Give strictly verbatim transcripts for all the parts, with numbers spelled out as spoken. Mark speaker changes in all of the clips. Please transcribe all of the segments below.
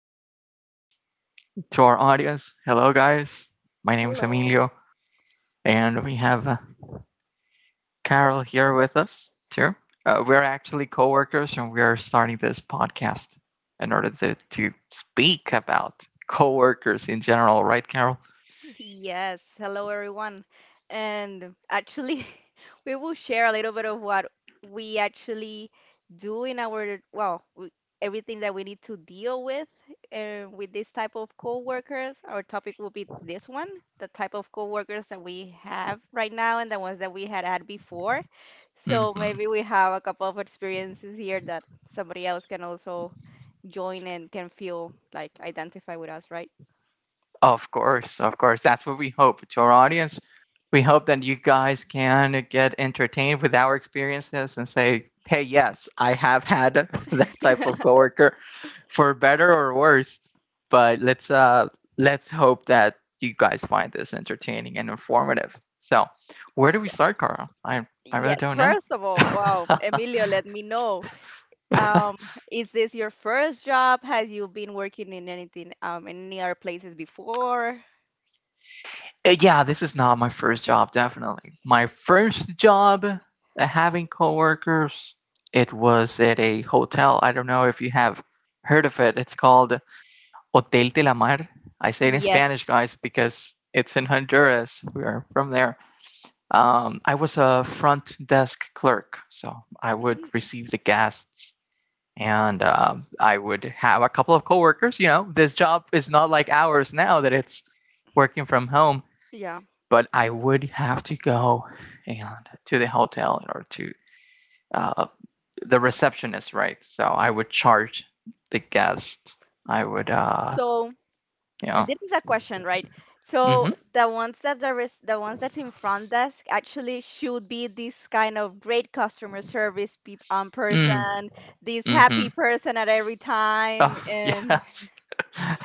Speaker 1: Um, to our audience, hello guys. My name is
Speaker 2: Hello.
Speaker 1: Emilio, and we have uh, Carol here with us too. Uh, we're actually coworkers, and we are starting this podcast in order to, to speak about coworkers in general, right, Carol?
Speaker 2: Yes. Hello, everyone. And actually, we will share a little bit of what we actually do in our, well, we, everything that we need to deal with uh, with this type of coworkers. Our topic will be this one, the type of coworkers that we have right now and the ones that we had had before. So
Speaker 1: Mm-hmm.
Speaker 2: maybe we have a couple of experiences here that somebody else can also join and can feel like identify with us, right?
Speaker 1: Of course, of course. That's what we hope. To our audience, we hope that you guys can get entertained with our experiences and say, hey, yes, I have had that type of coworker for better or worse. But let's uh let's hope that you guys find this entertaining and informative. So where do we start, Carl? I I really
Speaker 2: Yes,
Speaker 1: don't know.
Speaker 2: first of all, wow, Emilio, let me know. Um, is this your first job? Has you been working in anything, um, in any other places before?
Speaker 1: Uh, yeah, this is not my first job, definitely. My first job uh, having coworkers, it was at a hotel. I don't know if you have heard of it. It's called Hotel de la Mar. I say it in Spanish,
Speaker 2: Yes.
Speaker 1: guys, because it's in Honduras. We are from there. Um, I was a front desk clerk, so I would
Speaker 2: Mm,
Speaker 1: receive the guests and um, I would have a couple of coworkers. You know, this job is not like ours now that it's working from home,
Speaker 2: yeah.
Speaker 1: but I would have to go and to the hotel or to uh, the receptionist, right? So I would charge the guest. I would, uh,
Speaker 2: So
Speaker 1: you know,
Speaker 2: this is a question, right? So
Speaker 1: mm-hmm.
Speaker 2: the ones that there is, the ones that's in front desk actually should be this kind of great customer service peop um,
Speaker 1: Mm.
Speaker 2: person, this
Speaker 1: Mm-hmm.
Speaker 2: happy person at every time,
Speaker 1: Oh,
Speaker 2: and
Speaker 1: yes.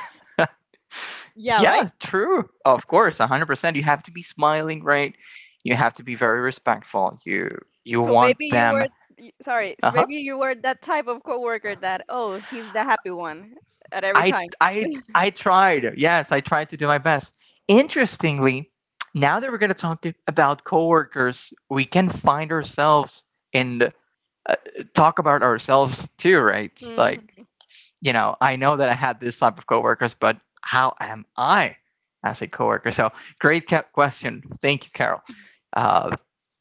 Speaker 2: yeah, right?
Speaker 1: Yeah, true. Of course, one hundred percent. You have to be smiling, right? You have to be very respectful. You you
Speaker 2: So
Speaker 1: want
Speaker 2: maybe you
Speaker 1: them,
Speaker 2: were, y- sorry, s-
Speaker 1: uh-huh,
Speaker 2: maybe you were that type of coworker that, oh, he's the happy one at every
Speaker 1: I
Speaker 2: time.
Speaker 1: I I tried. Yes, I tried to do my best. Interestingly, now that we're going to talk about coworkers, we can find ourselves and uh, talk about ourselves too, right? Like,
Speaker 2: Hmm.
Speaker 1: you know, I know that I had this type of coworkers, but how am I as a coworker? So, great ca- question. Thank you, Carol. Uh,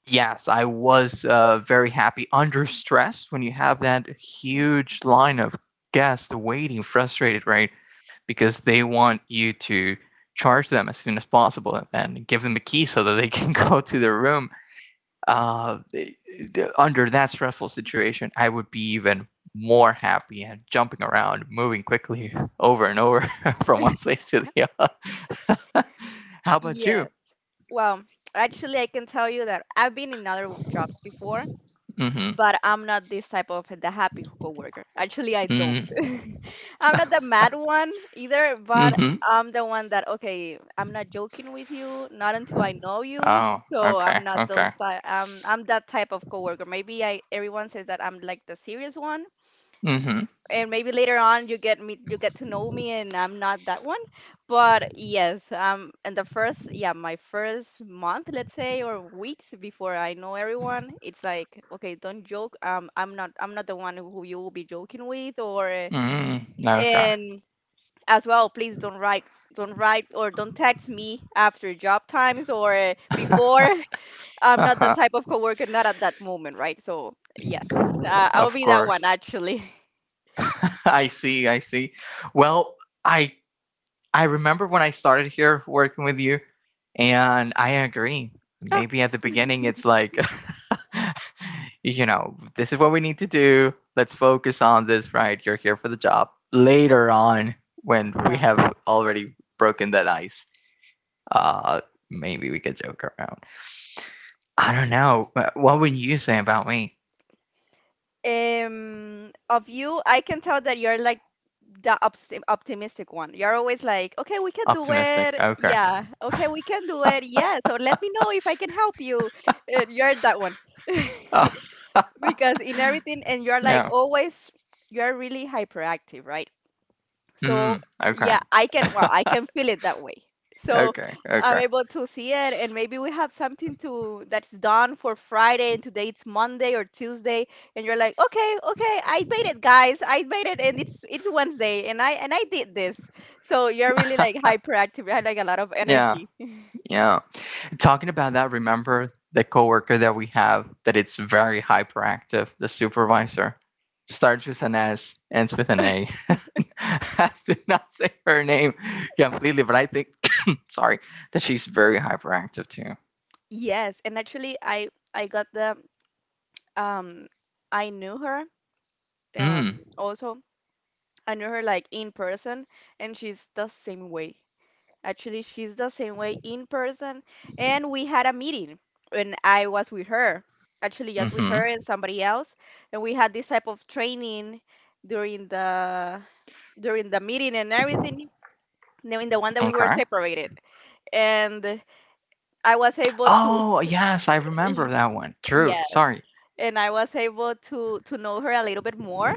Speaker 1: yes, I was uh, very happy under stress when you have that huge line of guests waiting, frustrated, right? Because they want you to charge them as soon as possible and give them a key so that they can go to their room. Uh, Under that stressful situation, I would be even more happy and jumping around, moving quickly over and over from one place to the other. How about you?
Speaker 2: Yeah. Well, actually, I can tell you that I've been in other jobs before,
Speaker 1: Mm-hmm.
Speaker 2: but I'm not this type of the happy coworker. Actually, I don't.
Speaker 1: Mm.
Speaker 2: I'm not the mad one either, but
Speaker 1: Mm-hmm.
Speaker 2: I'm the one that, okay, I'm not joking with you, not until I know you.
Speaker 1: Oh,
Speaker 2: So I'm
Speaker 1: okay,
Speaker 2: not
Speaker 1: okay.
Speaker 2: those type, I'm, I'm that type of coworker. Maybe I, everyone says that I'm like the serious one,
Speaker 1: Mm-hmm.
Speaker 2: and maybe later on you get me you get to know me and I'm not that one. But yes, um and the first yeah, my first month, let's say, or weeks before I know everyone, it's like, okay, don't joke. Um I'm not I'm not the one who you will be joking with or,
Speaker 1: Mm.
Speaker 2: and as well, please don't write don't write or don't text me after job times or before. I'm not that
Speaker 1: Okay.
Speaker 2: type of coworker, not at that moment, right? So yes, uh, I'll
Speaker 1: Of
Speaker 2: be that one
Speaker 1: course.
Speaker 2: actually.
Speaker 1: I see, I see. Well, I I remember when I started here working with you, and I agree. Maybe at the beginning, it's like, you know, this is what we need to do. Let's focus on this, right? You're here for the job. Later on, when we
Speaker 2: Yeah.
Speaker 1: have already broken that ice, uh, maybe we could joke around. I don't know. What would you say about me?
Speaker 2: Um of you, I can tell that you're like the opti- optimistic one. You're always like, okay, we can do
Speaker 1: Optimistic.
Speaker 2: it,
Speaker 1: Okay.
Speaker 2: yeah, okay, we can do it, yeah, so let me know if I can help you. Uh, you're that one
Speaker 1: Oh,
Speaker 2: because in everything, and you're like
Speaker 1: yeah.
Speaker 2: always, you're really hyperactive, right? So
Speaker 1: Mm. Okay.
Speaker 2: yeah, I can, well, I can feel it that way. So
Speaker 1: Okay.
Speaker 2: I'm
Speaker 1: Okay.
Speaker 2: able to see it, and maybe we have something to that's done for Friday, and today it's Monday or Tuesday, and you're like, okay, okay, I made it, guys, I made it, and it's it's Wednesday, and I and I did this. So you're really like hyperactive. You have like a lot of
Speaker 1: Yeah.
Speaker 2: energy.
Speaker 1: Yeah. Talking about that, remember the coworker that we have that it's very hyperactive, the supervisor. Starts with an S, ends with an A. I did not say her name completely, but I think, sorry, that she's very hyperactive too.
Speaker 2: Yes, and actually, I I got the um I knew her, um
Speaker 1: Mm.
Speaker 2: also I knew her like in person, and she's the same way. Actually, she's the same way in person. And we had a meeting when I was with her. Actually, just with
Speaker 1: Mm-hmm.
Speaker 2: her and somebody else. And we had this type of training during the during the meeting and everything. No, in the one that we were
Speaker 1: Okay.
Speaker 2: separated. And I was able to.
Speaker 1: Oh yes, I remember that one. True.
Speaker 2: Yes.
Speaker 1: Sorry.
Speaker 2: And I was able to to know her a little bit more.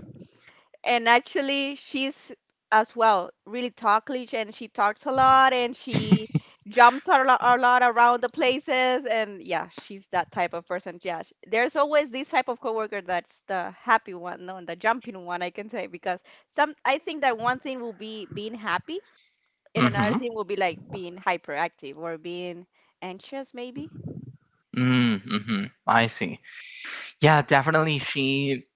Speaker 2: And actually, she's as well really talkative, and she talks a lot, and she jumps a lot, a lot around the places, and yeah, she's that type of person. Yeah, sh- there's always this type of coworker that's the happy one, no, and the jumping one, I can say, because some I think that one thing will be being happy, and another
Speaker 1: Mm-hmm.
Speaker 2: thing will be like being hyperactive or being anxious, maybe.
Speaker 1: Mm-hmm. I see. Yeah, definitely. She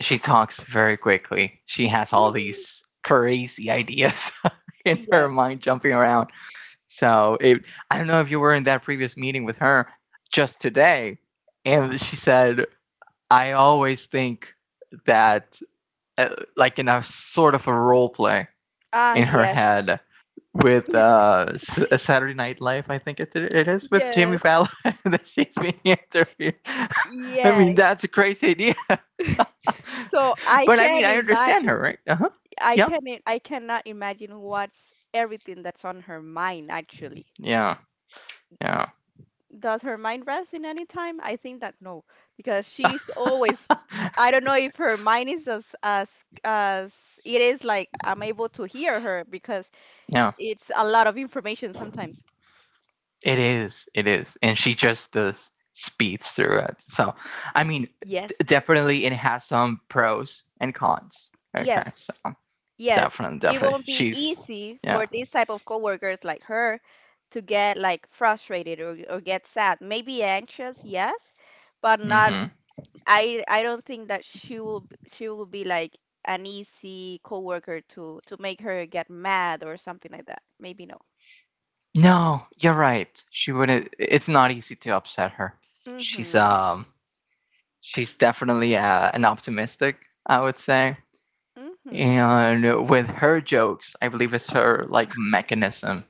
Speaker 1: She talks very quickly. She has all
Speaker 2: Mhm.
Speaker 1: these crazy ideas in her
Speaker 2: Yes.
Speaker 1: mind jumping around. So it, I don't know if you were in that previous meeting with her just today. And she said, I always think that, uh, like in a sort of a role play
Speaker 2: Ah,
Speaker 1: in her
Speaker 2: yes.
Speaker 1: head with uh, S- uh, Saturday Night Live, I think it, it is, with Jamie
Speaker 2: Yes.
Speaker 1: Fallon that she's being interviewed. I mean, that's a
Speaker 2: Yes.
Speaker 1: crazy idea.
Speaker 2: So I
Speaker 1: But I mean,
Speaker 2: can
Speaker 1: I understand her,
Speaker 2: imagine.
Speaker 1: right? Uh huh.
Speaker 2: I
Speaker 1: Yeah.
Speaker 2: can i- I cannot imagine what's everything that's on her mind actually.
Speaker 1: Yeah. Yeah.
Speaker 2: Does her mind rest in any time? I think that no, because she's always, I don't know if her mind is as as as it is, like I'm able to hear her, because
Speaker 1: Yeah.
Speaker 2: it's a lot of information sometimes.
Speaker 1: It is. It is. And she just does speeds through it. So, I mean, d-
Speaker 2: Yes.
Speaker 1: definitely it has some pros and cons. Okay.
Speaker 2: Yes.
Speaker 1: So,
Speaker 2: Yes,
Speaker 1: definitely,
Speaker 2: it
Speaker 1: definitely.
Speaker 2: won't be
Speaker 1: She's,
Speaker 2: easy
Speaker 1: yeah.
Speaker 2: for these type of coworkers like her to get like frustrated, or, or get sad. Maybe anxious, yes, but not,
Speaker 1: Hmm.
Speaker 2: I I don't think that she will she will be like an easy coworker to to make her get mad or something like that. Maybe no.
Speaker 1: No, you're right. She wouldn't, it's not easy to upset her. She's,
Speaker 2: Mm-hmm.
Speaker 1: um, she's definitely uh, an optimistic, I would say.
Speaker 2: Mm-hmm.
Speaker 1: And with her jokes, I believe it's her like mechanism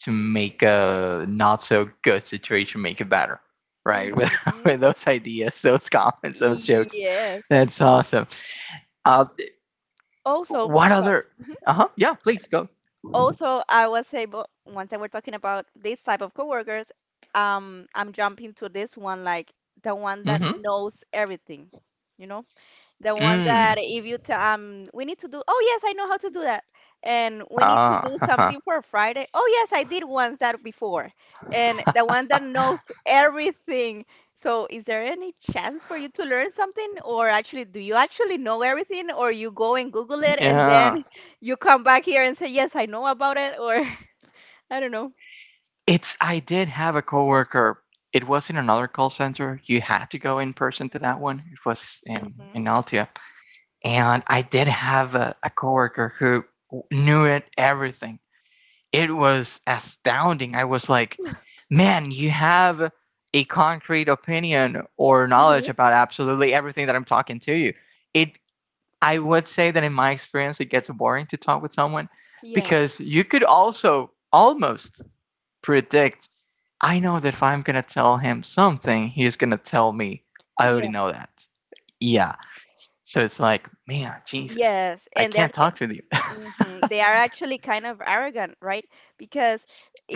Speaker 1: to make a not so good situation make it better. Right, with,
Speaker 2: Mm-hmm.
Speaker 1: with those ideas, those comments, those jokes.
Speaker 2: Yes.
Speaker 1: That's awesome. Uh,
Speaker 2: Also,
Speaker 1: what
Speaker 2: so,
Speaker 1: other?
Speaker 2: mhm.
Speaker 1: Uh huh. Yeah, please go.
Speaker 2: also I was able once I are talking about this type of coworkers, um, I'm jumping to this one like the one that
Speaker 1: Mm-hmm.
Speaker 2: knows everything, you know, the one
Speaker 1: Mm.
Speaker 2: that if you tell, um, we need to do, oh yes, I know how to do that. And we need to
Speaker 1: Ah.
Speaker 2: do something for Friday. Oh yes, I did once that before. And the one that knows everything. So is there any chance for you to learn something? Or actually, do you actually know everything? Or you go and Google it and then
Speaker 1: Yeah.
Speaker 2: you come back here and say, yes, I know about it? Or I don't know.
Speaker 1: It's. I did have a coworker. It was in another call center. You had to go in person to that one. It was in
Speaker 2: Hmm.
Speaker 1: in Altia. And I did have a, a coworker who knew it everything. It was astounding. I was like, man, you have a concrete opinion or knowledge
Speaker 2: Hmm.
Speaker 1: about absolutely everything that I'm talking to you. It I would say that in my experience it gets boring to talk with someone
Speaker 2: Yes.
Speaker 1: because you could also almost predict. I know that if I'm going to tell him something, he's going to tell me I already know
Speaker 2: Yes.
Speaker 1: that. Yeah. So it's like, man, Jesus,
Speaker 2: Yes.
Speaker 1: I
Speaker 2: And there.
Speaker 1: can't talk with you.
Speaker 2: Hmm. They are actually kind of arrogant, right? Because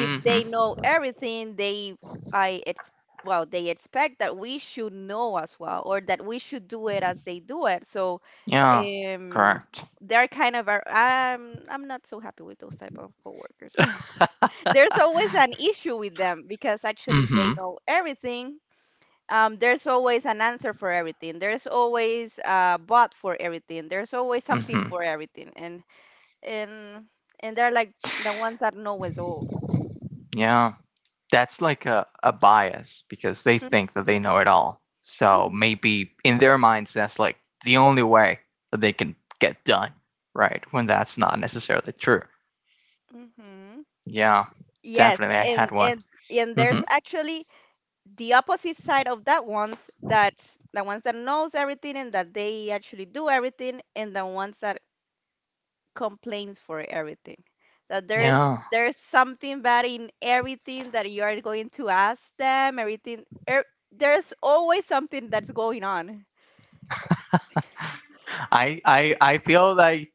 Speaker 2: they
Speaker 1: Mm-hmm.
Speaker 2: know everything, they I it's well, they expect that we should know as well, or that we should do it as they do it. So,
Speaker 1: Yeah,
Speaker 2: um,
Speaker 1: correct.
Speaker 2: they're kind of ar- I'm I'm not so happy with those type of coworkers. There's always an issue with them because actually, if they
Speaker 1: Mm-hmm.
Speaker 2: know everything, um, there's always an answer for everything. There's always a bot for everything. There's always something
Speaker 1: Mm-hmm.
Speaker 2: for everything, and and and they're like the ones that know us all.
Speaker 1: Yeah. That's like a, a bias because they
Speaker 2: Mhm,
Speaker 1: think that they know it all. So
Speaker 2: mhm,
Speaker 1: maybe in their minds, that's like the only way that they can get done, right? When that's not necessarily true.
Speaker 2: mhm.
Speaker 1: Yeah,
Speaker 2: Yes,
Speaker 1: definitely. I had
Speaker 2: and
Speaker 1: one.
Speaker 2: and and there's
Speaker 1: Mm-hmm.
Speaker 2: actually the opposite side of that ones that's the ones that knows everything and that they actually do everything, and the ones that complains for everything. That there's
Speaker 1: Yeah.
Speaker 2: there's something bad in everything that you are going to ask them. Everything, er, there's always something that's going on.
Speaker 1: I, I I feel like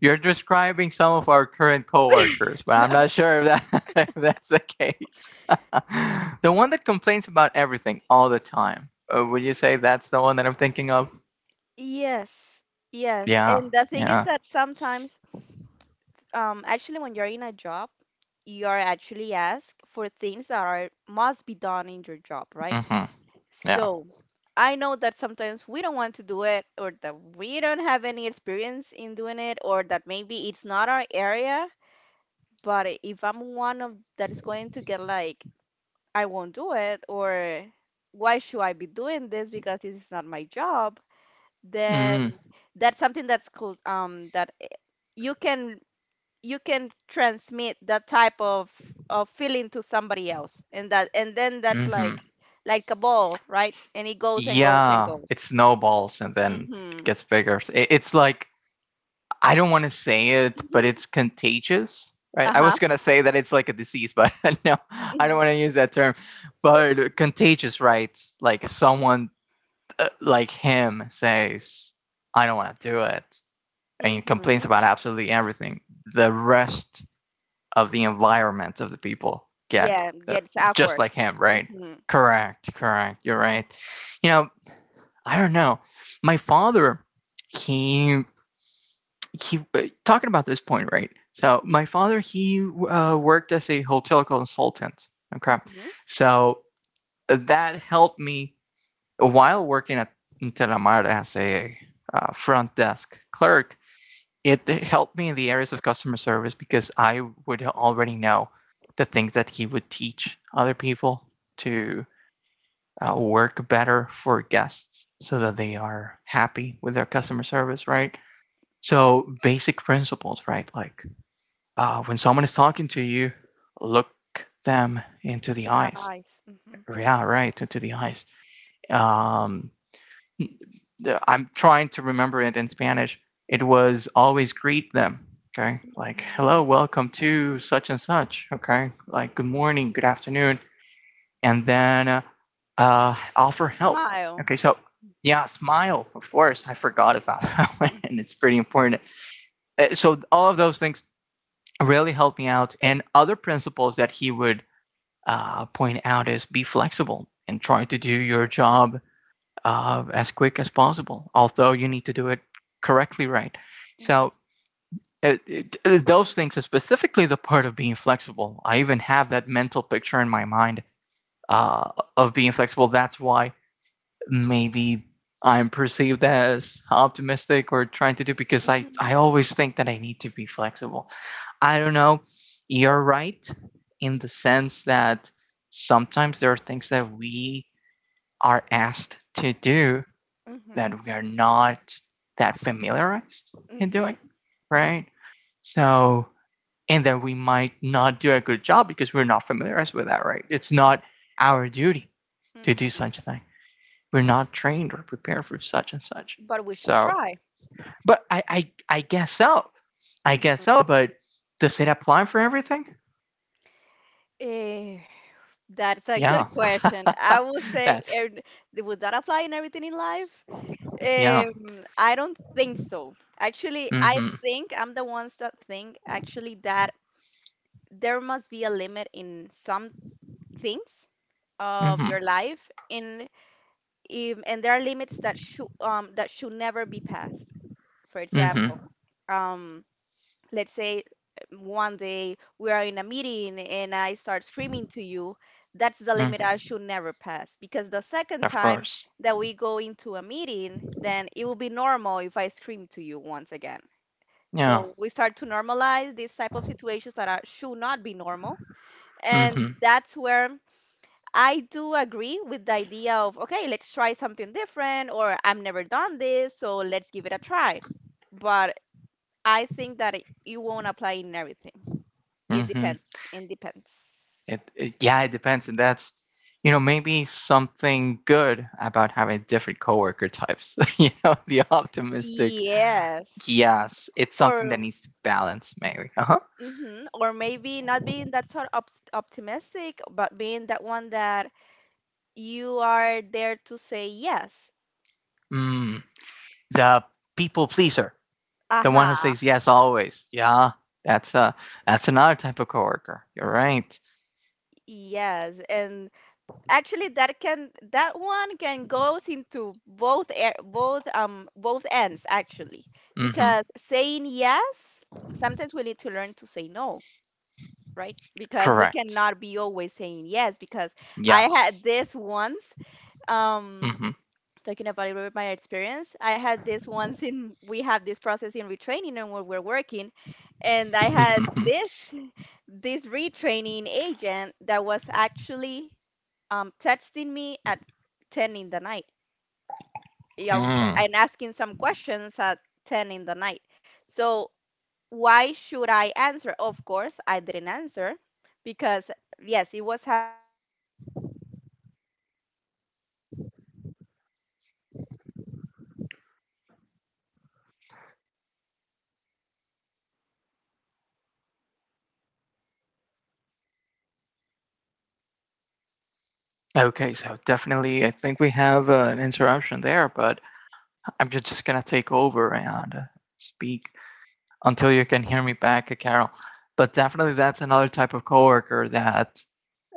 Speaker 1: you're describing some of our current coworkers, but I'm not sure if, that, if that's the case. The one that complains about everything all the time. Uh, would you say that's the one that I'm thinking of?
Speaker 2: Yes, yes,
Speaker 1: Yeah,
Speaker 2: and the thing is
Speaker 1: yeah.
Speaker 2: that sometimes. Um, actually, when you're in a job, you are actually asked for things that are must be done in your job, right?
Speaker 1: Mm-hmm. Yeah.
Speaker 2: So I know that sometimes we don't want to do it, or that we don't have any experience in doing it, or that maybe it's not our area. But i- if I'm one of that is going to get like, I won't do it, or why should I be doing this because this is not my job,
Speaker 1: Mm.
Speaker 2: then that's something that's called um that eh, you can you can transmit that type of of feeling to somebody else, and that and then that's
Speaker 1: Hmm.
Speaker 2: like like a ball, right, and it goes and goes and
Speaker 1: Yeah, it
Speaker 2: goes.
Speaker 1: snowballs and then it
Speaker 2: Mm-hmm.
Speaker 1: gets bigger. It, it's like, I don't want to say it, but it's contagious, right? I
Speaker 2: Uh-huh.
Speaker 1: was gonna say that it's like a disease, but no, I don't want to use that term. But contagious, right? Like if someone uh, like him says, I don't want to do it, and he complains
Speaker 2: Mm-hmm.
Speaker 1: about absolutely everything, the rest of the environment of the people get
Speaker 2: Yeah, it
Speaker 1: uh,
Speaker 2: gets
Speaker 1: just
Speaker 2: awkward.
Speaker 1: like him, right?
Speaker 2: Mm-hmm.
Speaker 1: Correct, correct. You're right. You know, I don't know. My father, he he uh, talking about this point, right? So my
Speaker 2: Mm-hmm.
Speaker 1: father, he uh, worked as a hotel consultant. Okay,
Speaker 2: Mm-hmm.
Speaker 1: so that helped me while working at Intelamar as a uh, front desk clerk, it helped me in the areas of customer service because I would already know the things that he would teach other people to uh, work better for guests so that they are happy with their customer service, right? So, basic principles, right? Like uh, when someone is talking to you, look them into
Speaker 2: To
Speaker 1: the
Speaker 2: the
Speaker 1: eyes.
Speaker 2: eyes. Mm-hmm.
Speaker 1: Yeah, right, into the eyes. Um, I'm trying to remember it in Spanish. It was always greet them. Okay. Like,
Speaker 2: Mm-hmm.
Speaker 1: hello, welcome to such and such. Okay. Like, good morning, good afternoon. And then uh, uh, offer help.
Speaker 2: Smile.
Speaker 1: Okay. So, yeah, smile. Of course, I forgot about that one. And it's pretty important. Uh, So, all of those things really helped me out. And other principles that he would uh, point out is be flexible and try to do your
Speaker 2: Mm-hmm.
Speaker 1: job uh, as quick as possible, although you need to do it correctly, right. So it, it, those things, are specifically the part of being flexible. I even have that mental picture in my mind uh, of being flexible. That's why maybe I'm perceived as optimistic or trying to do because I, I
Speaker 2: Mm-hmm.
Speaker 1: always think that I need to be flexible. I don't know. You're right in the sense that sometimes there are things that we are asked to do that
Speaker 2: Mm-hmm.
Speaker 1: we are not that familiarized in doing, right? So, and then we might not do a good job because we're not familiarized with that, right? It's not our duty to do
Speaker 2: Mm-hmm.
Speaker 1: such thing. We're not trained or prepared for such and such.
Speaker 2: But we should
Speaker 1: So,
Speaker 2: try.
Speaker 1: but I, I, I guess so. I guess so.
Speaker 2: Mm-hmm.
Speaker 1: But does it apply for everything?
Speaker 2: Eh, That's a good
Speaker 1: Yeah.
Speaker 2: question. I will say,
Speaker 1: That's
Speaker 2: and would that apply in everything in life?
Speaker 1: yeah.
Speaker 2: Um, I don't think so. Actually, I
Speaker 1: Mm-hmm.
Speaker 2: think I'm the ones that think actually that there must be a limit in some things of
Speaker 1: Mm-hmm.
Speaker 2: your life, in um, and there are limits that should um that should never be passed. For
Speaker 1: Mm-hmm.
Speaker 2: example, um let's say one day we are in a meeting and I start screaming to you, that's the limit I
Speaker 1: Mm-hmm.
Speaker 2: should never pass. Because the second
Speaker 1: Of
Speaker 2: time
Speaker 1: course.
Speaker 2: that we go into a meeting, then it will be normal if I scream to you once again.
Speaker 1: Yeah.
Speaker 2: So we start to normalize these type of situations that are, should not be normal. And
Speaker 1: Mm-hmm.
Speaker 2: that's where I do agree with the idea of, okay, let's try something different, or I've never done this, so let's give it a try. But I think that it, it won't apply in everything. It
Speaker 1: Mm-hmm.
Speaker 2: depends. It depends.
Speaker 1: It, it yeah, it depends, and that's you know maybe something good about having different coworker types. You know, the optimistic.
Speaker 2: Yes.
Speaker 1: Yes, it's something that
Speaker 2: Or
Speaker 1: needs to balance. Maybe. Uh huh.
Speaker 2: mhm, Or maybe not being that sort of opt- optimistic, but being that one that you are there to say yes.
Speaker 1: Mm, the people pleaser, the one who
Speaker 2: Uh-huh.
Speaker 1: says yes always. Yeah, that's a that's another type of coworker. You're right.
Speaker 2: Yes. And actually that can that one can goes into both air both um both ends actually.
Speaker 1: Mm-hmm.
Speaker 2: Because saying yes, sometimes we need to learn to say no, right? Because we
Speaker 1: Correct.
Speaker 2: cannot be always saying yes. Because I had
Speaker 1: Yes.
Speaker 2: this once, um,
Speaker 1: Mm-hmm.
Speaker 2: talking about a little bit my experience, I had this once in, we have this process in retraining and where we're working, and I had this this retraining agent that was actually um, texting me at ten in the night, yeah, um,
Speaker 1: Mm.
Speaker 2: and asking some questions at ten in the night. So why should I answer? Of course, I didn't answer because yes, it was happening there a situation in bet- um that he's he was having a situation, but that's where um that's where we talk about
Speaker 1: Okay, so definitely, I think we have uh, an interruption there, but I'm ju- just gonna take over and uh, speak until you can hear me back, uh, Carol. But definitely, that's another type of coworker that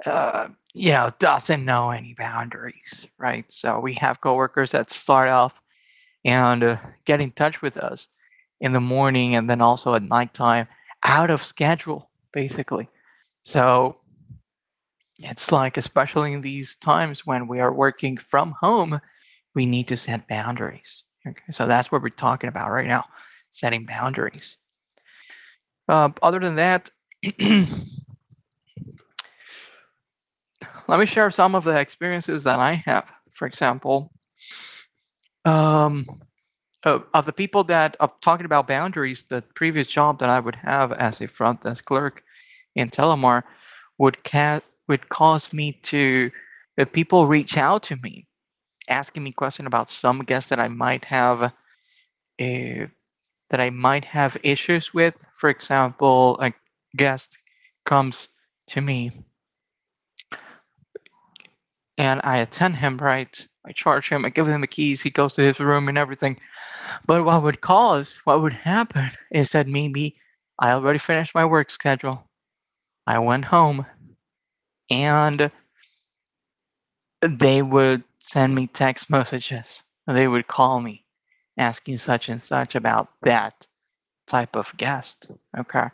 Speaker 1: uh, you know doesn't know any boundaries, right? So we have coworkers that start off and uh, get in touch with us in the morning and then also at nighttime, out of schedule, basically. So it's like, especially in these times when we are working from home, we need to set boundaries. Okay, so that's what we're talking about right now, setting boundaries. Uh, other than that, let me share some of the experiences that I have. For example, um, uh, of the people that are talking about boundaries, the previous job that I would have as a front desk clerk in Telemar would ca- would cause me to uh, people reach out to me asking me questions about some guest that I might have uh, that I might have issues with. For example, a guest comes to me and I attend him, right? I charge him, I give him the keys, he goes to his room and everything. But what would cause, what would happen is that maybe I already finished my work schedule. I went home and they would send me text messages. They would call me asking such and such about that type of guest. Okay.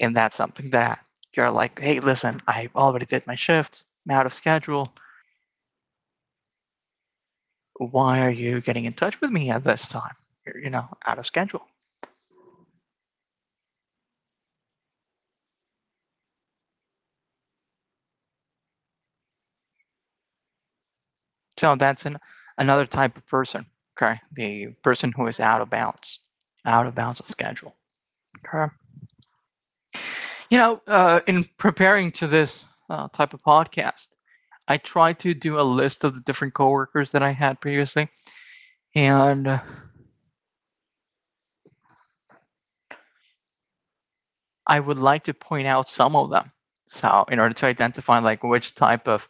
Speaker 1: And that's something that you're like, hey, listen, I already did my shift, I'm out of schedule. Why are you getting in touch with me at this time? You're, you know, out of schedule. So that's an another type of person. Okay, the person who is out of bounds, out of bounds of schedule. Okay, you know, uh, in preparing to this uh, type of podcast, I tried to do a list of the different coworkers that I had previously, and uh, I would like to point out some of them. So, in order to identify like which type of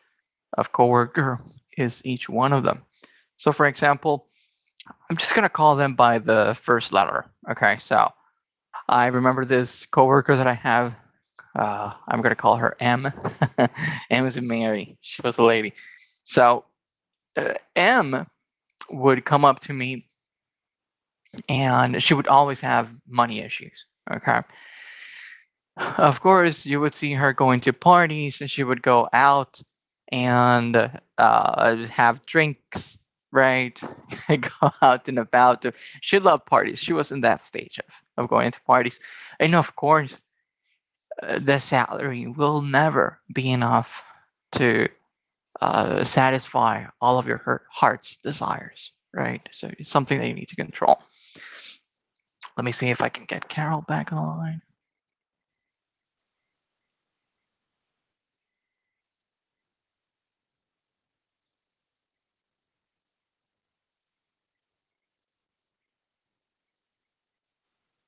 Speaker 1: of coworker is each one of them. So for example, I'm just going to call them by the first letter. Okay, so I remember this coworker that I have. Uh, I'm going to call her M. M is Mary. She was a lady. So uh, M would come up to me and she would always have money issues. Okay. Of course, you would see her going to parties and she would go out and uh, have drinks, right? Go out and about. She loved parties. She was in that stage of, of going to parties. And of course, uh, the salary will never be enough to uh, satisfy all of your heart's desires, right? So it's something that you need to control. Let me see if I can get Carol back on the line.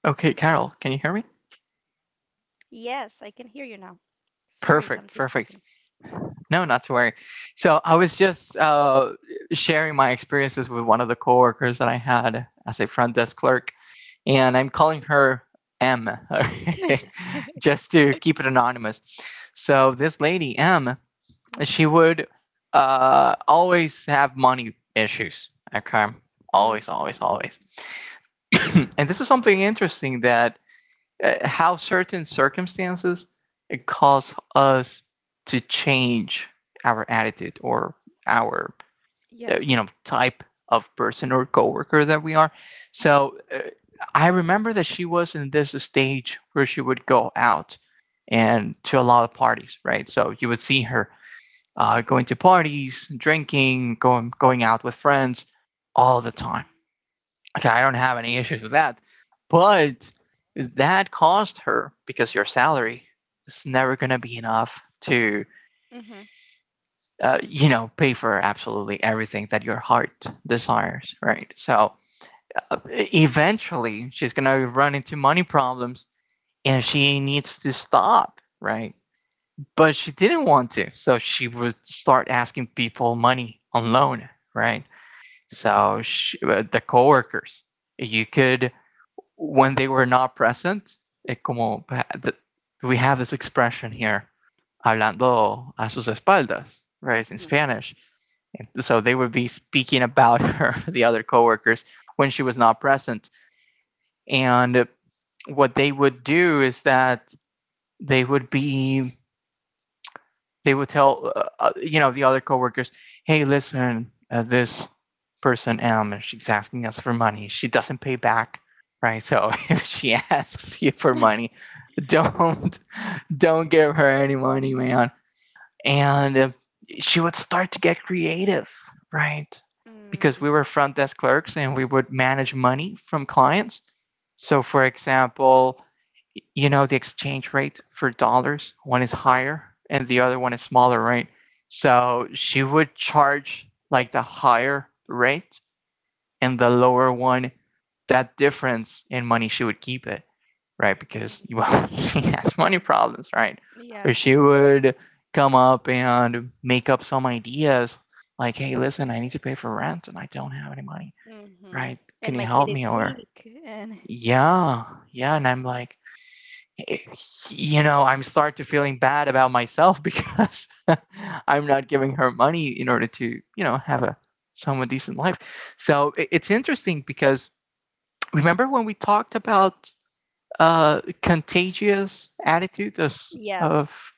Speaker 1: Okay, Carol, can you hear me? Perfect, perfect. No, not to worry. So I was just uh, sharing my experiences with one of the coworkers that I had as a front desk clerk, and I'm calling her M, just to keep it anonymous. So this lady M, she would uh, always have money issues. Okay, always, always, always. And this is something interesting that, uh, how certain circumstances cause us to change our attitude or our, uh, you know, type of person or coworker that we are. So uh, I remember that she was in this stage where she would go out and to a lot of parties, right? So you would see her uh, going to parties, drinking, going going out with friends all the time. Okay, I don't have any issues with that. But that cost her because your salary is never going to be enough to, uh, you know, pay for absolutely everything that your heart desires, right? So uh, eventually she's going to run into money problems and she needs to stop, right? But she didn't want to. So she would start asking people money on loan, right? So she, uh, the coworkers, you could, when they were not present, es como, we have this expression here, hablando a sus espaldas, right? It's in Spanish. And so they would be speaking about her, the other coworkers, when she was not present. And what they would do is that they would be they would tell, uh, uh, you know, the other coworkers, "Hey, listen, uh, this person M, um, she's asking us for money. She doesn't pay back, right? So if she asks you for money, don't don't give her any money, man." And uh, she would start to get creative, right? Because we were front desk clerks and we would manage money from clients. So, for example, you know, the exchange rate for dollars, one is higher and the other one is smaller, right? So she would charge like the higher rate and the lower one, that difference in money, she would keep it, right? Because, well, she has money problems, right? Or she would come up and make up some ideas like, hey, listen, I need to pay for rent and I don't have any money, right? Can you help me? Or yeah, yeah, and I'm like, eh, you know, I'm start to feeling bad about myself because I'm not giving her money in order to, you know, have a somewhat decent life. So i- it's interesting because remember when we talked about, uh, contagious attitude of, of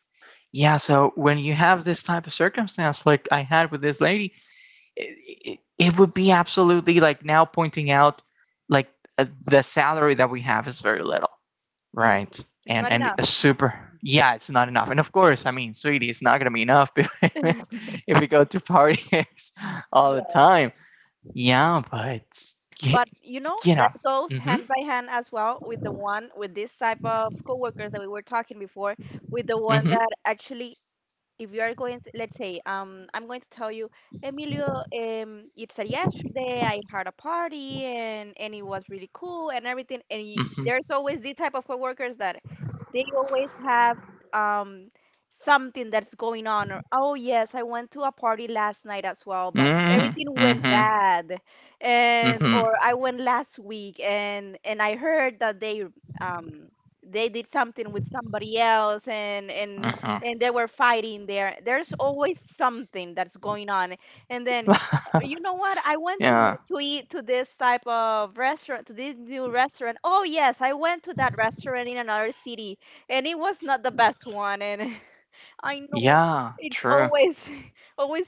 Speaker 1: yeah, so when you have this type of circumstance like I had with this lady, it, it it would be absolutely like now pointing out like, uh, the salary that we have is very little. Right. And and a super, yeah, it's not enough. And of course, I mean, sweetie, it's not gonna be enough if we go to parties all the time. Yeah, but you, you know, mhm, mm mhm, mm mhm, mm, mhm, mhm, mhm. Yeah, yeah, true.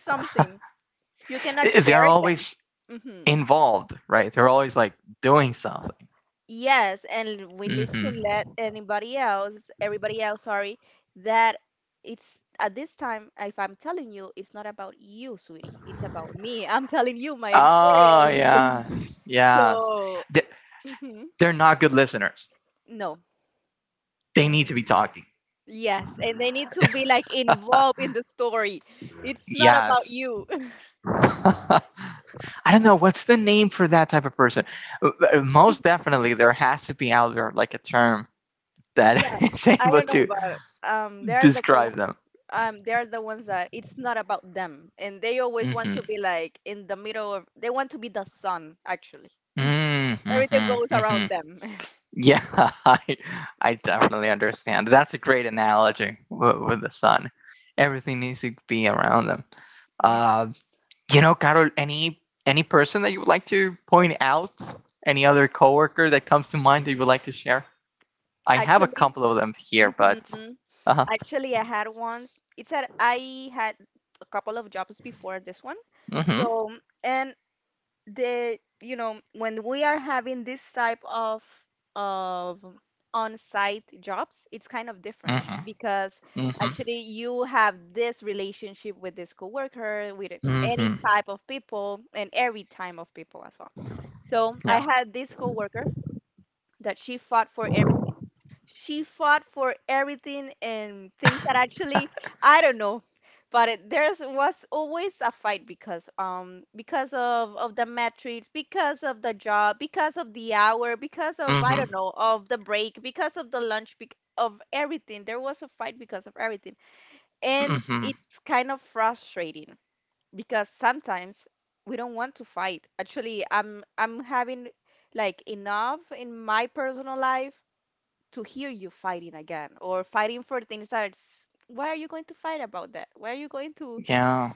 Speaker 1: They're always involved, right? They're always like doing something. mm Mhm. Oh yes, yes. They- They're not good listeners. They need to be talking. Yes. I don't know what's the name for that type of person. Uh, uh, Most definitely, there has to be out there like a term that is able to describe them. Mm-hmm. Mm-hmm. Mm-hmm. Yeah, I, I definitely understand. That's a great analogy with, with the sun. Everything needs to be around them. Uh, You know, Carol, any any person that you would like to point out? Any other coworker that comes to mind that you would like to share? I have a couple of them here, but uh huh. Mm-hmm. Mm-hmm. Mm-hmm. Mm-hmm. Yeah. Mm-hmm. Mm-hmm. Yeah.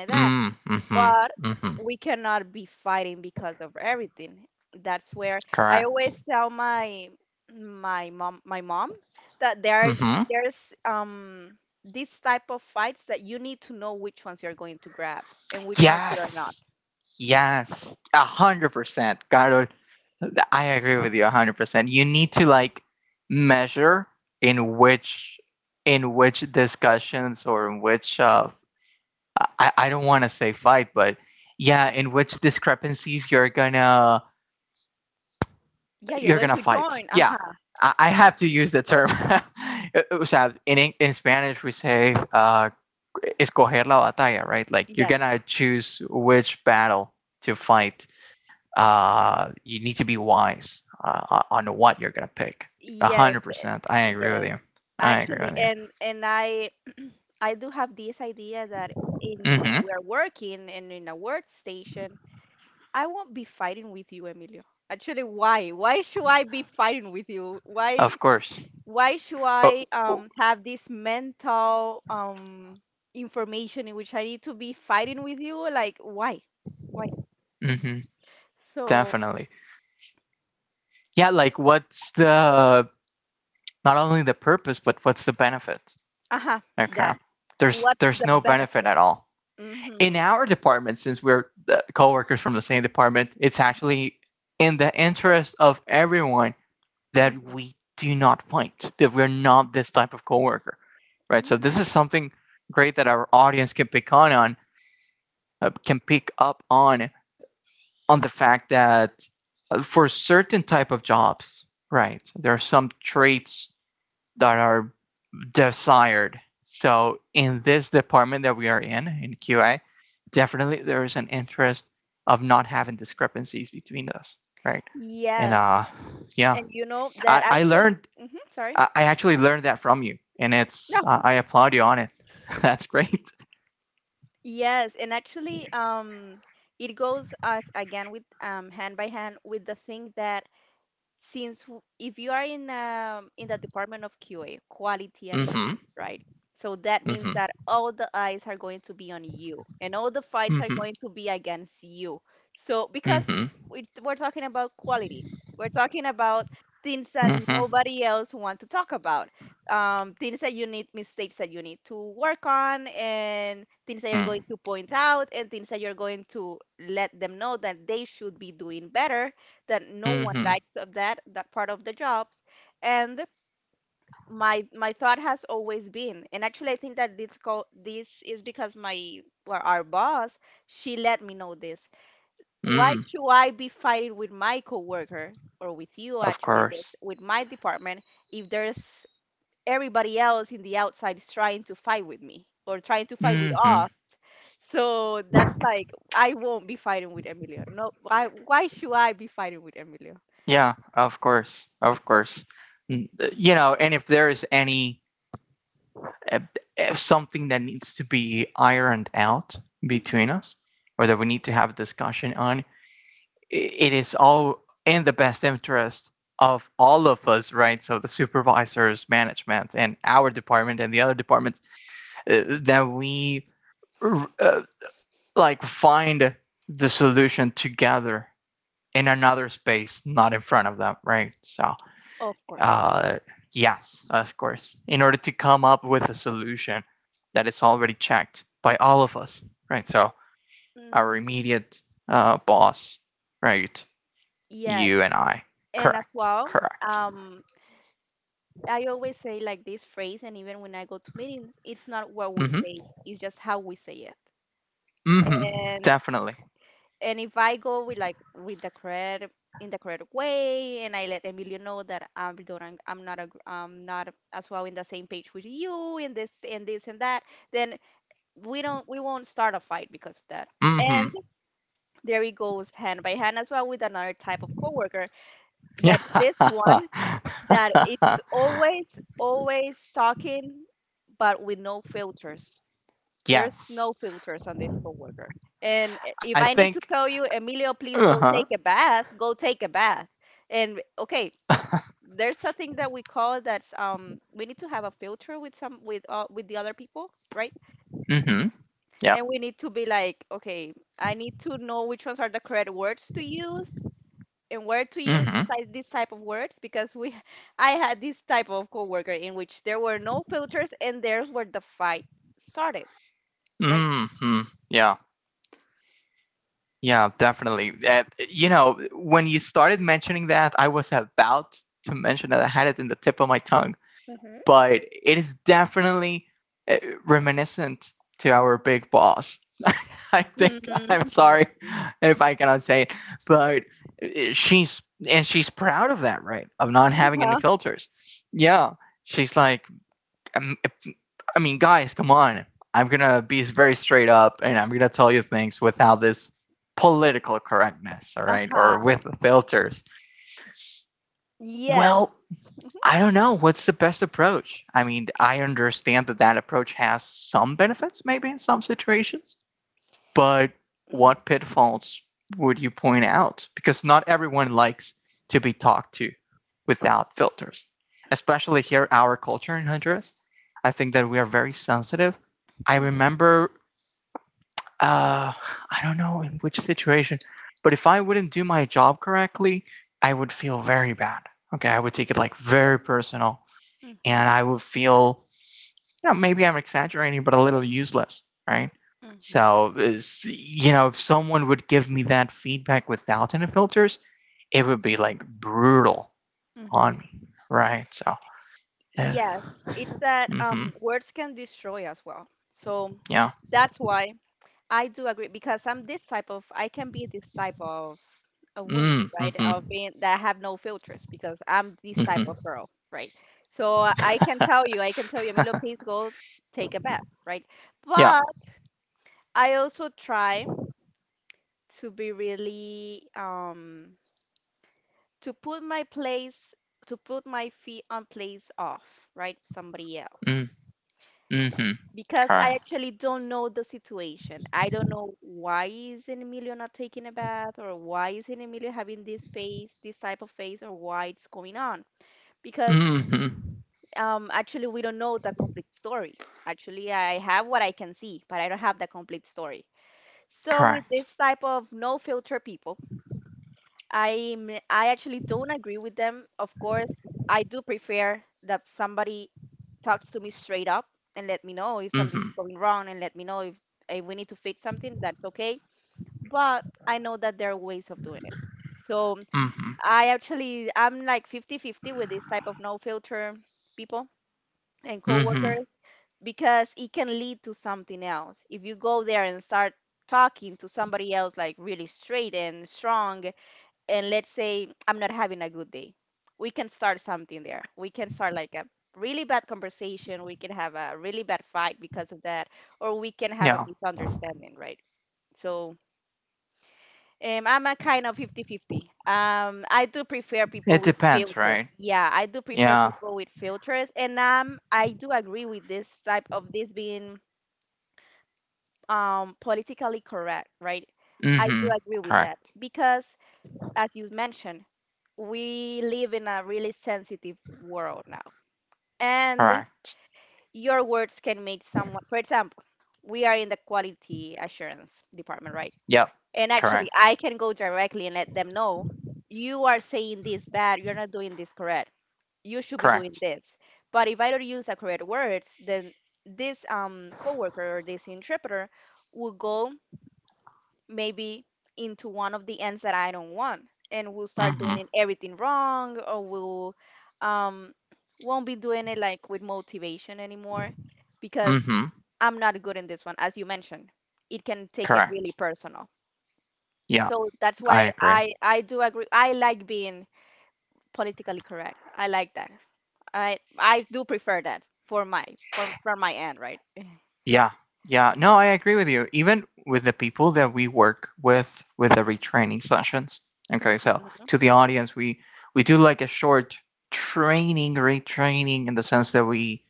Speaker 1: Mm-hmm. Mm-hmm. Mm-hmm. Correct. Mm-hmm. Yes. Yes, a hundred percent, Carol. Th- I agree with you a hundred percent. You need to like measure in which in which discussions or in which, uh, I I don't want to say fight, but yeah, in which discrepancies you're gonna you're gonna fight. Yeah, I, I have to use the term. O sea, in Eng- in Spanish we say, uh, escoger la batalla, right? Like you're gonna choose which battle to fight. uh, you need to be wise uh, on what you're gonna pick. A hundred percent. I agree with you. I agree with you. Hmm. Of course. Oh, hmm. Definitely. Yeah. Like, what's the not only the purpose, but what's the benefit? Okay. There's there's no benefit at all in our department. Since we're the coworkers from the same department, it's actually in the interest of everyone that we do not find, that we're not this type of coworker, right? So this is something great that our audience can pick on, on uh, can pick up on on the fact that, uh, for certain type of jobs, right, there are some traits that are desired. So in this department that we are in, in Q A, definitely there is an interest of not having discrepancies between us, right? And uh, yeah, I, I learned, I, I actually learned that from you, and it's, uh, I applaud you on it. That's great. Mm-hmm. Mm-hmm. Mm-hmm. Mm-hmm. Mm-hmm. Mm-hmm. Mm-hmm. Of course. Mm-hmm. Yeah, of course. Of course. Mm, uh, You know, and if there is any, uh, uh, something that needs to be ironed out between us, or that we need to have a discussion on, it is all in the best interest of all of us, right? So the supervisors, management, and our department and the other departments, uh, that we, uh, like find the solution together in another space, not in front of them, right? So, uh, yes, of course, in order to come up with a solution that is already checked by all of us, right? So our immediate, uh, boss, right? You and I. Correct. Correct. Mm-hmm. Mm-hmm. Definitely. Mm-hmm. Yeah. Yes. I think. Uh-huh. Mm-hmm. Yeah. Mm-hmm. Mm-hmm. Yeah. Yeah, definitely. Uh, you know, when you started mentioning that, I was about to mention that I had it in the tip of my tongue. But it is definitely, uh, reminiscent to our big boss. I think I'm sorry if I cannot say it, but uh, she's and she's proud of that, right? Of not having any filters. Yeah, she's like, um, I mean, guys, come on. I'm gonna be very straight up, and I'm gonna tell you things without this political correctness, all right, or with the filters. Well, I don't know what's the best approach. I mean, I understand that that approach has some benefits, maybe in some situations, but what pitfalls would you point out? Because not everyone likes to be talked to without filters, especially here, our culture in Honduras. I think that we are very sensitive. I remember, uh, I don't know in which situation, but if I wouldn't do my job correctly, I would feel very bad. Okay, I would take it like very personal and I would feel, you know, maybe I'm exaggerating, but a little useless, right? So, you know, if someone would give me that feedback without any filters, it would be like brutal on me, right? So, uh, mm-hmm, yeah, mm, hmm mm-hmm, yeah, mm, mm-hmm, correct, mm-hmm, correct, mm-hmm, mm-hmm, mm-hmm, yeah, it depends, right? Yeah, mm-hmm, correct, correct. Yep. Correct. Correct. Mm-hmm. Mm-hmm. Correct. Yeah, I agree. Yeah. Yeah. No, I agree with you, even with the people that we work with with the retraining sessions. Okay, so to the audience, we we do like a short training, retraining, in the sense that we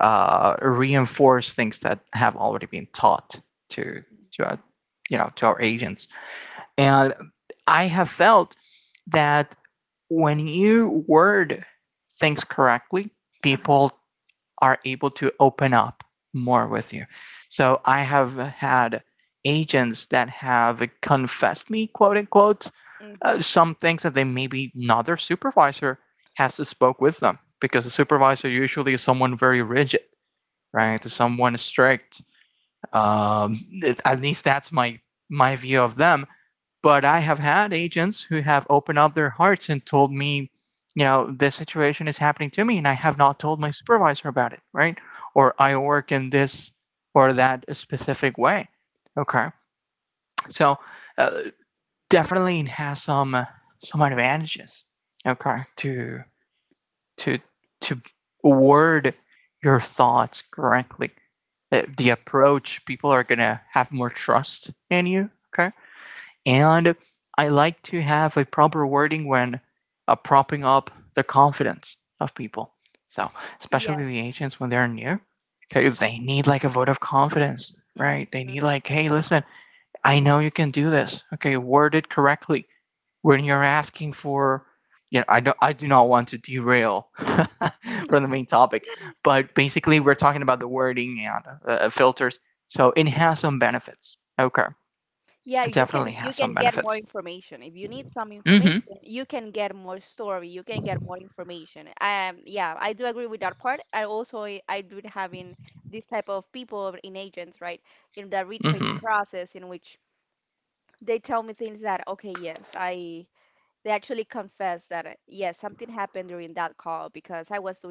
Speaker 1: uh, reinforce things that have already been taught to to our, you know to our agents. And I have felt that when you word things correctly, people are able to open up more with you. So I have had agents that have confessed me, quote unquote, uh, some things that they maybe not their supervisor has to spoke with them, because the supervisor usually is someone very rigid, right? Someone strict. Um, it- at least that's my my view of them. But I have had agents who have opened up their hearts and told me, you know, this situation is happening to me and I have not told my supervisor about it, right? Or I work in this or that specific way. Okay. So uh, definitely it has some uh, some advantages. Okay. To to to word your thoughts correctly. Uh, The approach, people are gonna have more trust in you. Okay. And I like to have a proper wording when uh, propping up the confidence of people. So, especially the agents when they're new, okay, they need like a vote of confidence, right? They need like, hey, listen, I know you can do this. Okay, word it correctly when you're asking for. You know, I do, I do not want to derail from the main topic, but basically we're talking about the wording and uh, filters. So it has some benefits. Okay, it definitely has some benefits. Mm-hmm. Mm-hmm.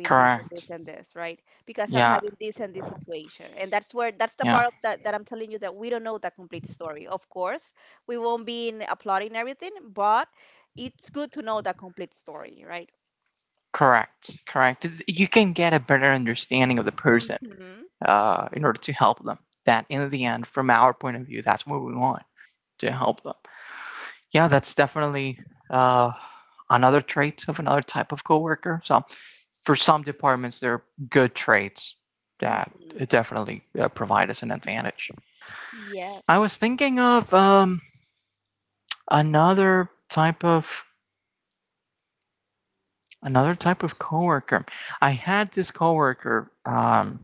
Speaker 1: Correct. Yeah. Yeah. Correct. Correct. You can get a better understanding of the person uh, in order to help them. That in the end, from our point of view, that's what we want, to help them. Yeah, that's definitely uh, another trait of another type of coworker. So for some departments, there are good traits that definitely uh, provide us an advantage. I was thinking of um, another type of another type of coworker. I had this coworker. Um,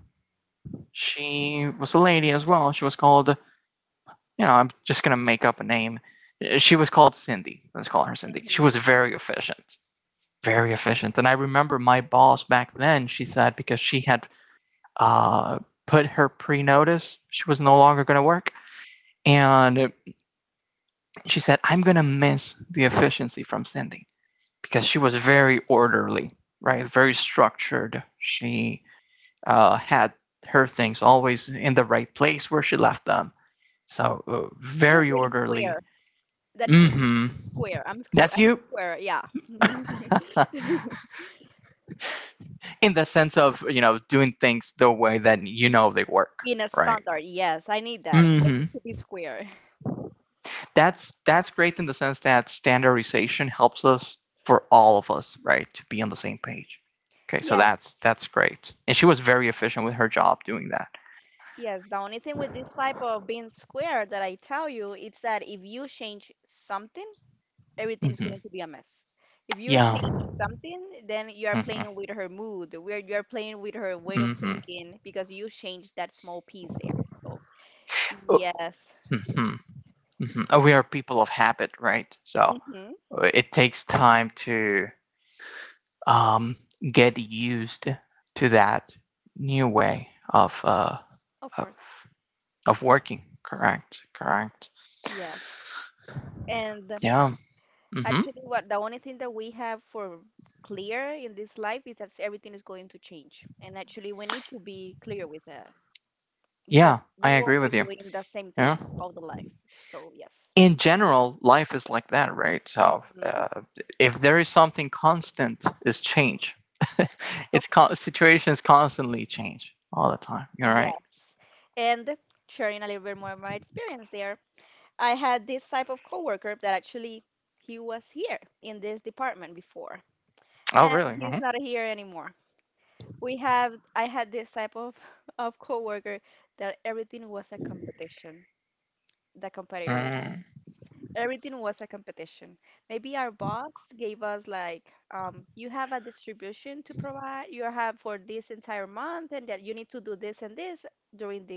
Speaker 1: she was a lady as well. She was called, you know, I'm just gonna make up a name. Uh, She was called Cindy. Let's call her Cindy. She was very efficient, very efficient. And I remember my boss back then. She said, because she had uh, put her pre-notice, she was no longer gonna work, and she said, "I'm gonna miss the efficiency from Cindy because she was very orderly." Right, very structured. She uh, had her things always in the right place where she left them. So uh, very orderly. Mm-hmm. That's you. In the sense of, you know, doing things the way that you know they work, right? Mm-hmm. That's that's great, in the sense that standardization helps us, for all of us, right, to be on the same page. Okay, so that's that's great, and she was very efficient with her job doing that. Mm-hmm. Yeah. Mm-hmm. Mm-hmm. Mm-hmm. Mhm. Uh, we are people of habit, right? So uh, it takes time to um, get used to that new way of uh, of of working. Correct. Correct. Yeah. Hmm. Yeah, I agree with you. Yeah. In general, life is like that, right? So uh, if there is something constant, is change. it's con- situations constantly change all the time. You're right. Oh, really? Mm-hmm.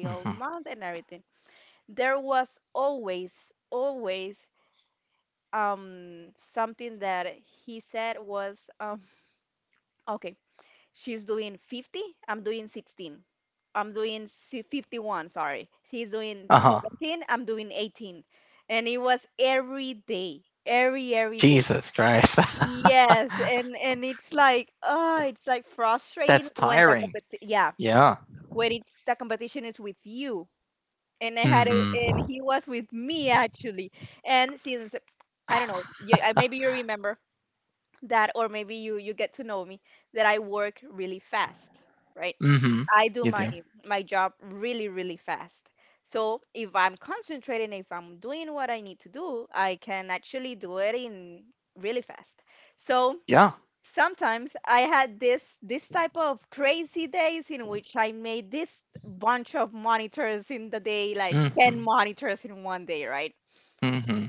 Speaker 1: Mm-hmm. Uh huh. Jesus Christ. That's tiring. Yeah. Mm hmm. Mm hmm. You do. Yeah. Mm hmm. Mm hmm.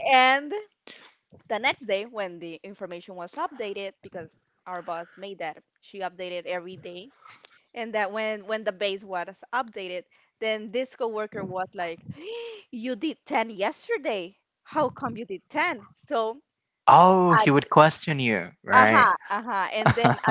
Speaker 1: Oh, he would question you, right?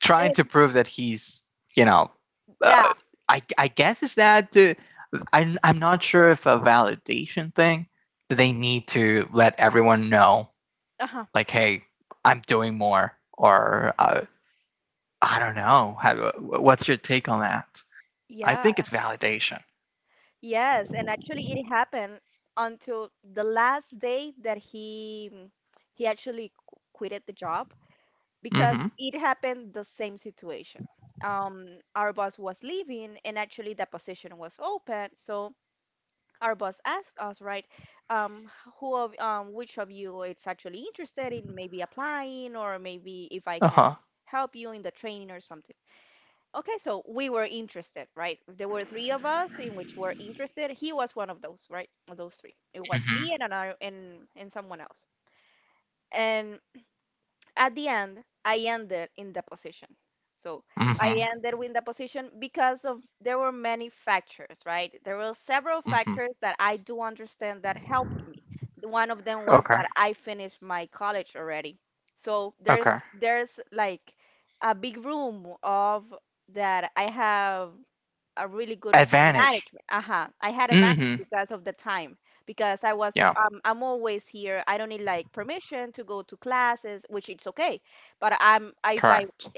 Speaker 1: Trying to prove that he's, you know, uh, I, I guess is that uh, I'm, I'm not sure if a validation thing, they need to let everyone know like, hey, I'm doing more, or uh, I don't know. How, what's your take on that? I think it's validation. Mm-hmm. Uh-huh. Mm-hmm. Mm-hmm. Mm-hmm. Okay. Okay. Advantage. Mm-hmm. Yeah. Correct.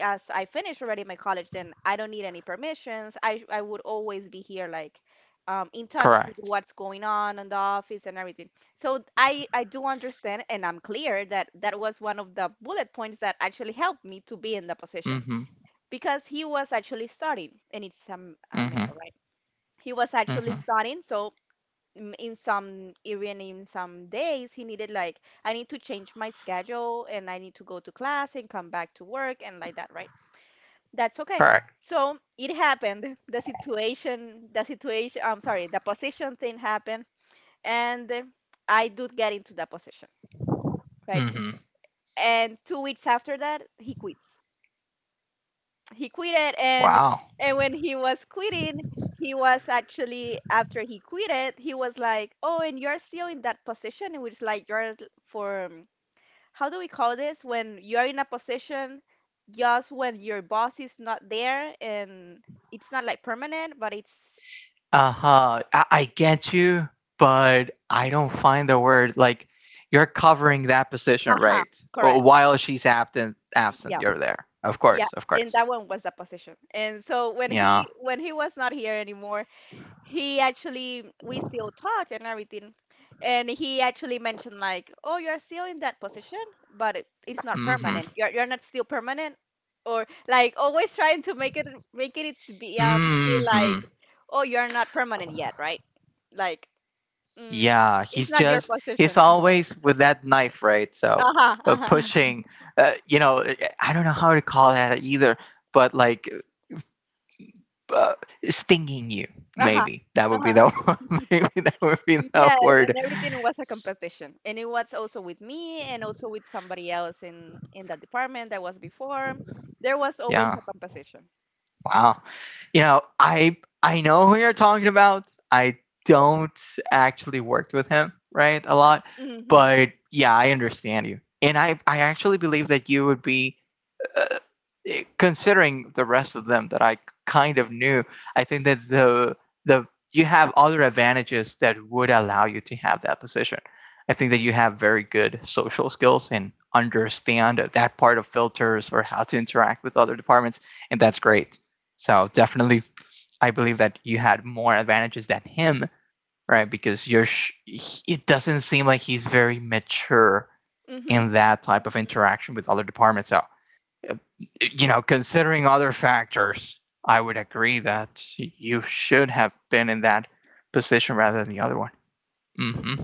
Speaker 1: Correct. Mm-hmm. Mm-hmm. Mm-hmm. Correct. Mm-hmm. Wow. Uh-huh. I, I get you, but I don't find the word, like, you're covering that position, right? Oh, while she's absent absent, you're there. Of course, of course. Yeah. Mm-hmm. Mm-hmm. Yeah, he's just he's always with that knife, right? So uh, pushing, uh, you know, uh, I don't know how to call that either, but like uh, stinging you, maybe that would be the maybe that would be the word. Yeah, wow. You know, I I know who you're talking about. I don't actually worked with him, right, a lot, but yeah, I understand you, and I I actually believe that you would be uh, eh, considering the rest of them that I kind of knew, I think that the the you have other advantages that would allow you to have that position. I think that you have very good social skills and understand that part of filters, or how to interact with other departments, and that's great. So definitely, I believe that you had more advantages than him, right? Because you're sh- it doesn't seem like he's very mature in that type of interaction with other departments. So uh, you know, considering other factors, I would agree that you should have been in that position rather than the other one. Hmm.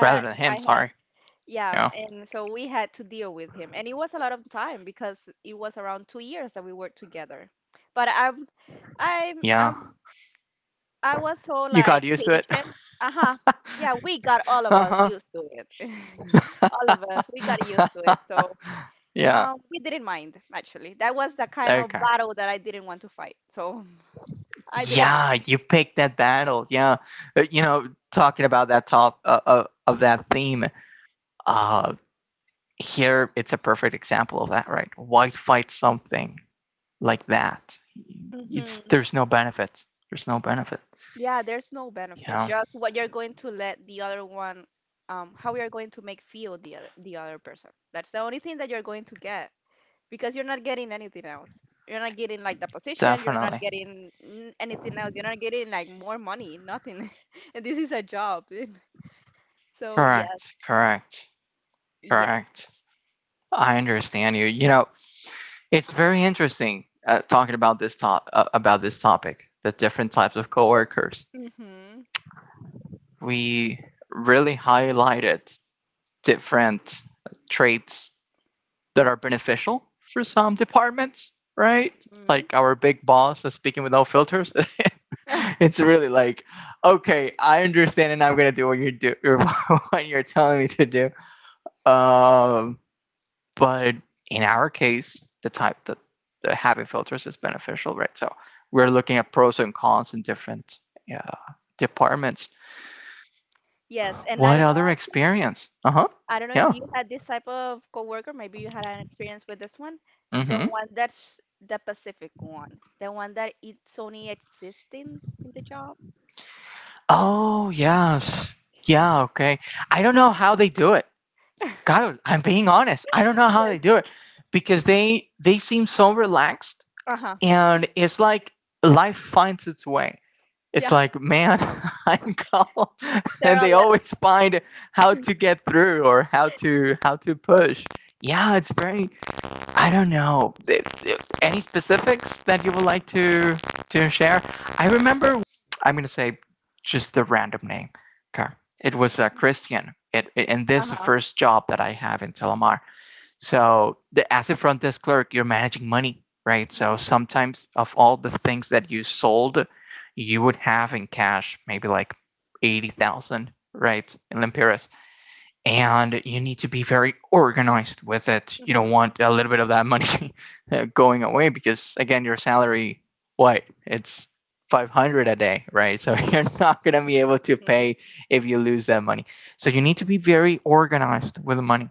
Speaker 1: Rather than him, sorry. Yeah. Yeah. You got used to it. Uh huh. Yeah. Okay. Yeah, you picked that battle. Yeah. Uh, you know, talking about that top uh, uh, of that theme, uh, here it's a perfect example of that, right? Why fight something like that. It's there's no benefit. There's no benefit. Yeah, definitely. Correct. Correct. Correct. I understand you. You know, it's very interesting uh, talking about this top uh, about this topic, the different types of coworkers. We really highlighted different traits that are beneficial for some departments, right? Like our big boss is speaking without filters. It's really like, okay, I understand, and I'm gonna do what you do, or what you're telling me to do. Um, but in our case, the type that the having filters is beneficial, right? So we're looking at pros and cons in different uh, departments. What other experience? Uh huh. Yeah. Mm hmm. Oh, yes. Yeah, okay. I don't know how they do it. God, I'm being honest. I don't know how they do it, because they they seem so relaxed and it's like life finds its way. It's like, man, I'm calm and they always find how to get through, or how to how to push. Yeah, it's very, I don't know. Any specifics that you would like to to share? I remember. I'm gonna say just the random name. Okay. It was uh, Christian. It, it- and this is the first job that I have in Telamar. So the, as a front desk clerk, you're managing money, right? So sometimes, of all the things that you sold, you would have in cash maybe like eighty thousand, right, in Limpiras, and you need to be very organized with it. You don't want a little bit of that money going away, because again, your salary, what it's, five hundred a day, right? So you're not going to be able to pay if you lose that money. So you need to be very organized with the money,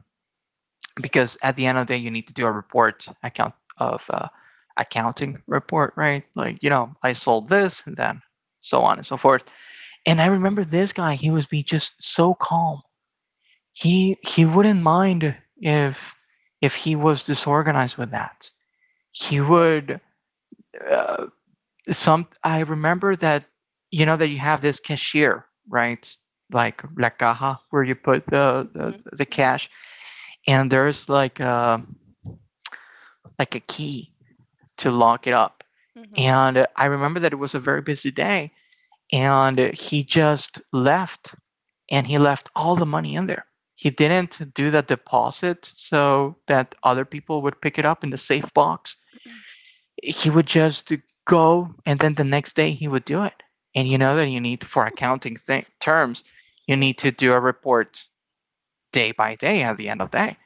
Speaker 1: because at the end of the day, you need to do a report account of uh, accounting report, right? Like, you know, I sold this and then so on and so forth. And I remember this guy, he was being just so calm, he he wouldn't mind if if he was disorganized with that. He would uh, some. I remember that, you know, that you have this cashier, right? Like la caja, where you put the the, the cash, and there's like a like a key to lock it up. And I remember that it was a very busy day, and he just left, and he left all the money in there. He didn't do the deposit so that other people would pick it up in the safe box. He would just go, and then the next day he would do it. And you know that you need, for accounting th- terms, you need to do a report day by day at the end of the day.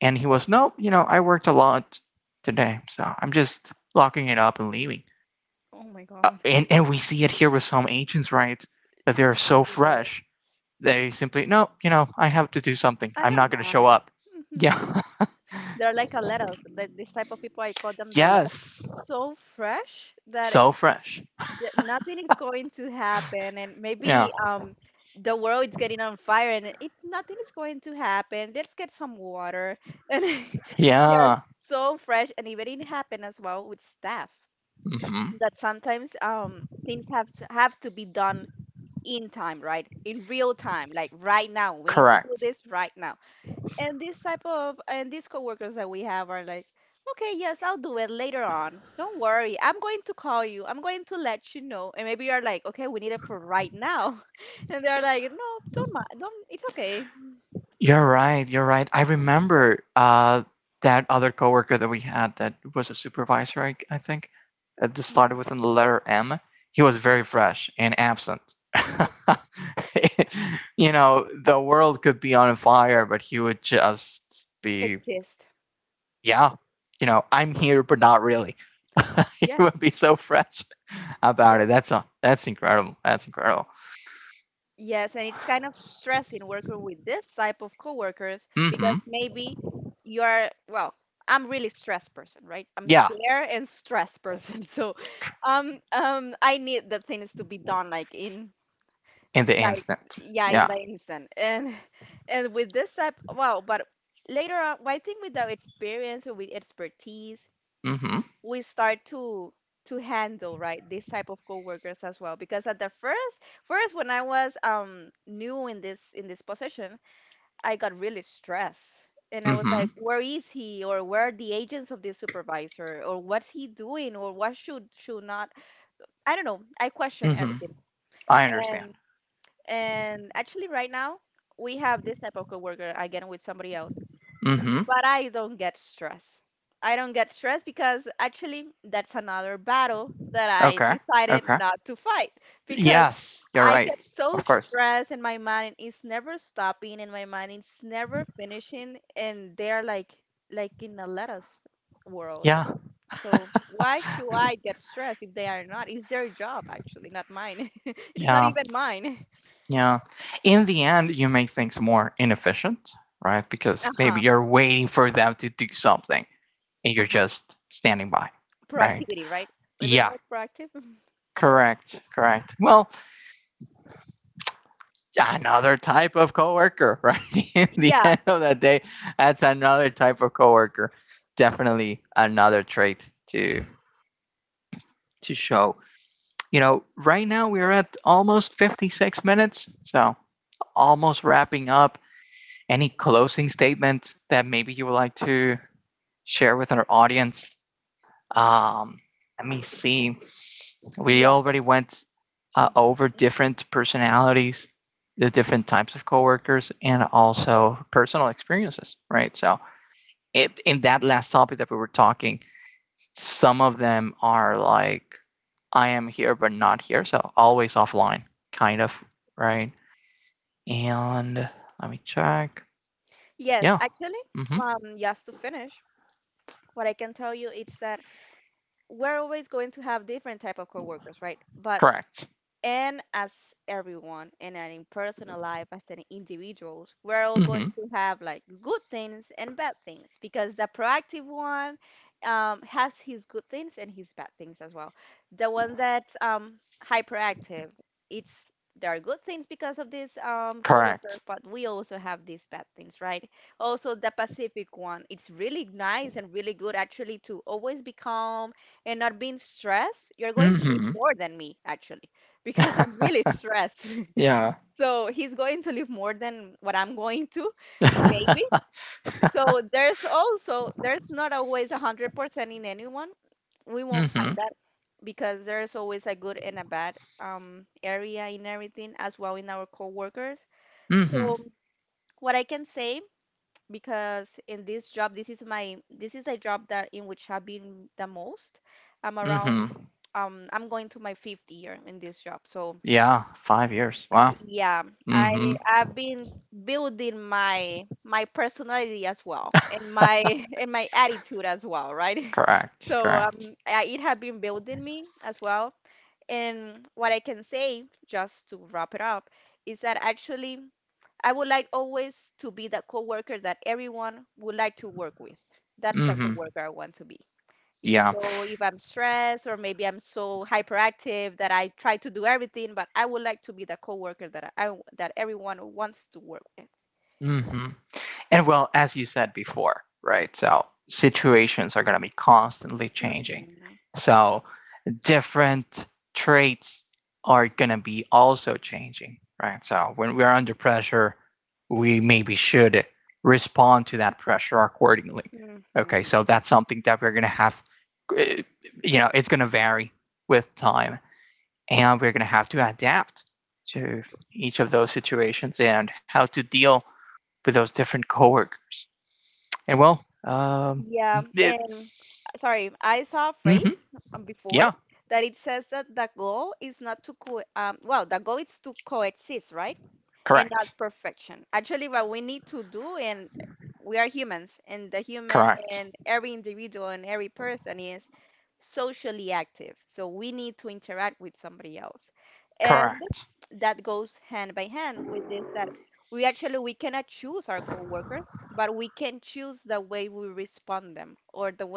Speaker 1: And he was, nope, you know, I worked a lot today, so I'm just locking it up and leaving. Uh, and, and we see it here with some agents, right? That they're so fresh, they simply, no, you know, I have to do something. I'm not going to show up. Yeah. Yes. So fresh. Yeah. Yeah. Hmm. Correct. You're right. You're right. I remember uh, that other coworker that we had that was a supervisor, I, I think. uh, That started with the letter M. He was very fresh and absent. You know, the world could be on fire, but he would just be, yeah, you know, I'm here, but not really. He would be so fresh about it. That's a, that's incredible. That's incredible. Mm-hmm. Yeah, in the instant. Yeah. Mm-hmm. Mm-hmm. Mm-hmm. I understand. Mm-hmm. Okay. Okay. Yes, you're right. Of course. Yeah. Yeah. Yeah. In the end, you make things more inefficient, right? Because maybe you're waiting for them to do something and you're just standing by, right? Yeah. Correct, correct. Well, another type of coworker, right? In the end of the day, that's another type of coworker. Definitely another trait to to show. You know, right now we're at almost fifty-six minutes, so almost wrapping up. Any closing statements that maybe you would like to share with our audience? Um, let me see. We already went uh, over different personalities, the different types of coworkers, and also personal experiences, right? So, it, in that last topic that we were talking, some of them are like, I am here but not here, so always offline, kind of, right? And let me check. Yeah. Mm-hmm. Correct. Mm-hmm. Correct. Mm-hmm. Yeah. Mm-hmm. Mm-hmm. Hmm. Yeah, five years. Wow. Hmm. Correct. Correct. Hmm. Yeah. Hmm. And well, as you said before, right? So situations are going to be constantly changing. So different traits are going to be also changing, right? So when we are under pressure, we maybe should respond to that pressure accordingly. Okay, so that's something that we're going to have, uh, you know, it's going to vary with time, and we're going to have to adapt to each of those situations and how to deal with those different coworkers. And well, um, it, mm-hmm, yeah, correct, correct, correct,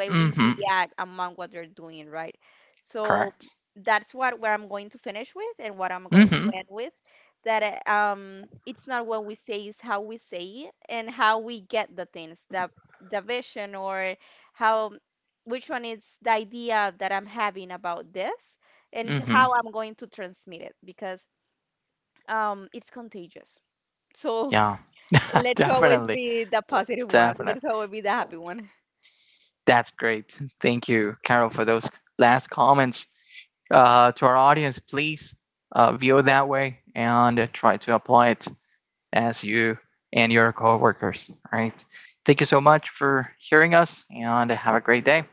Speaker 1: mm-hmm, correct, mm-hmm, mm-hmm, yeah, definitely, definitely. That's great. Thank you, Carol, for those last comments. Uh, to our audience, please uh, view it that way, and uh, try to apply it as you and your coworkers, right? Thank you so much for hearing us and have a great day.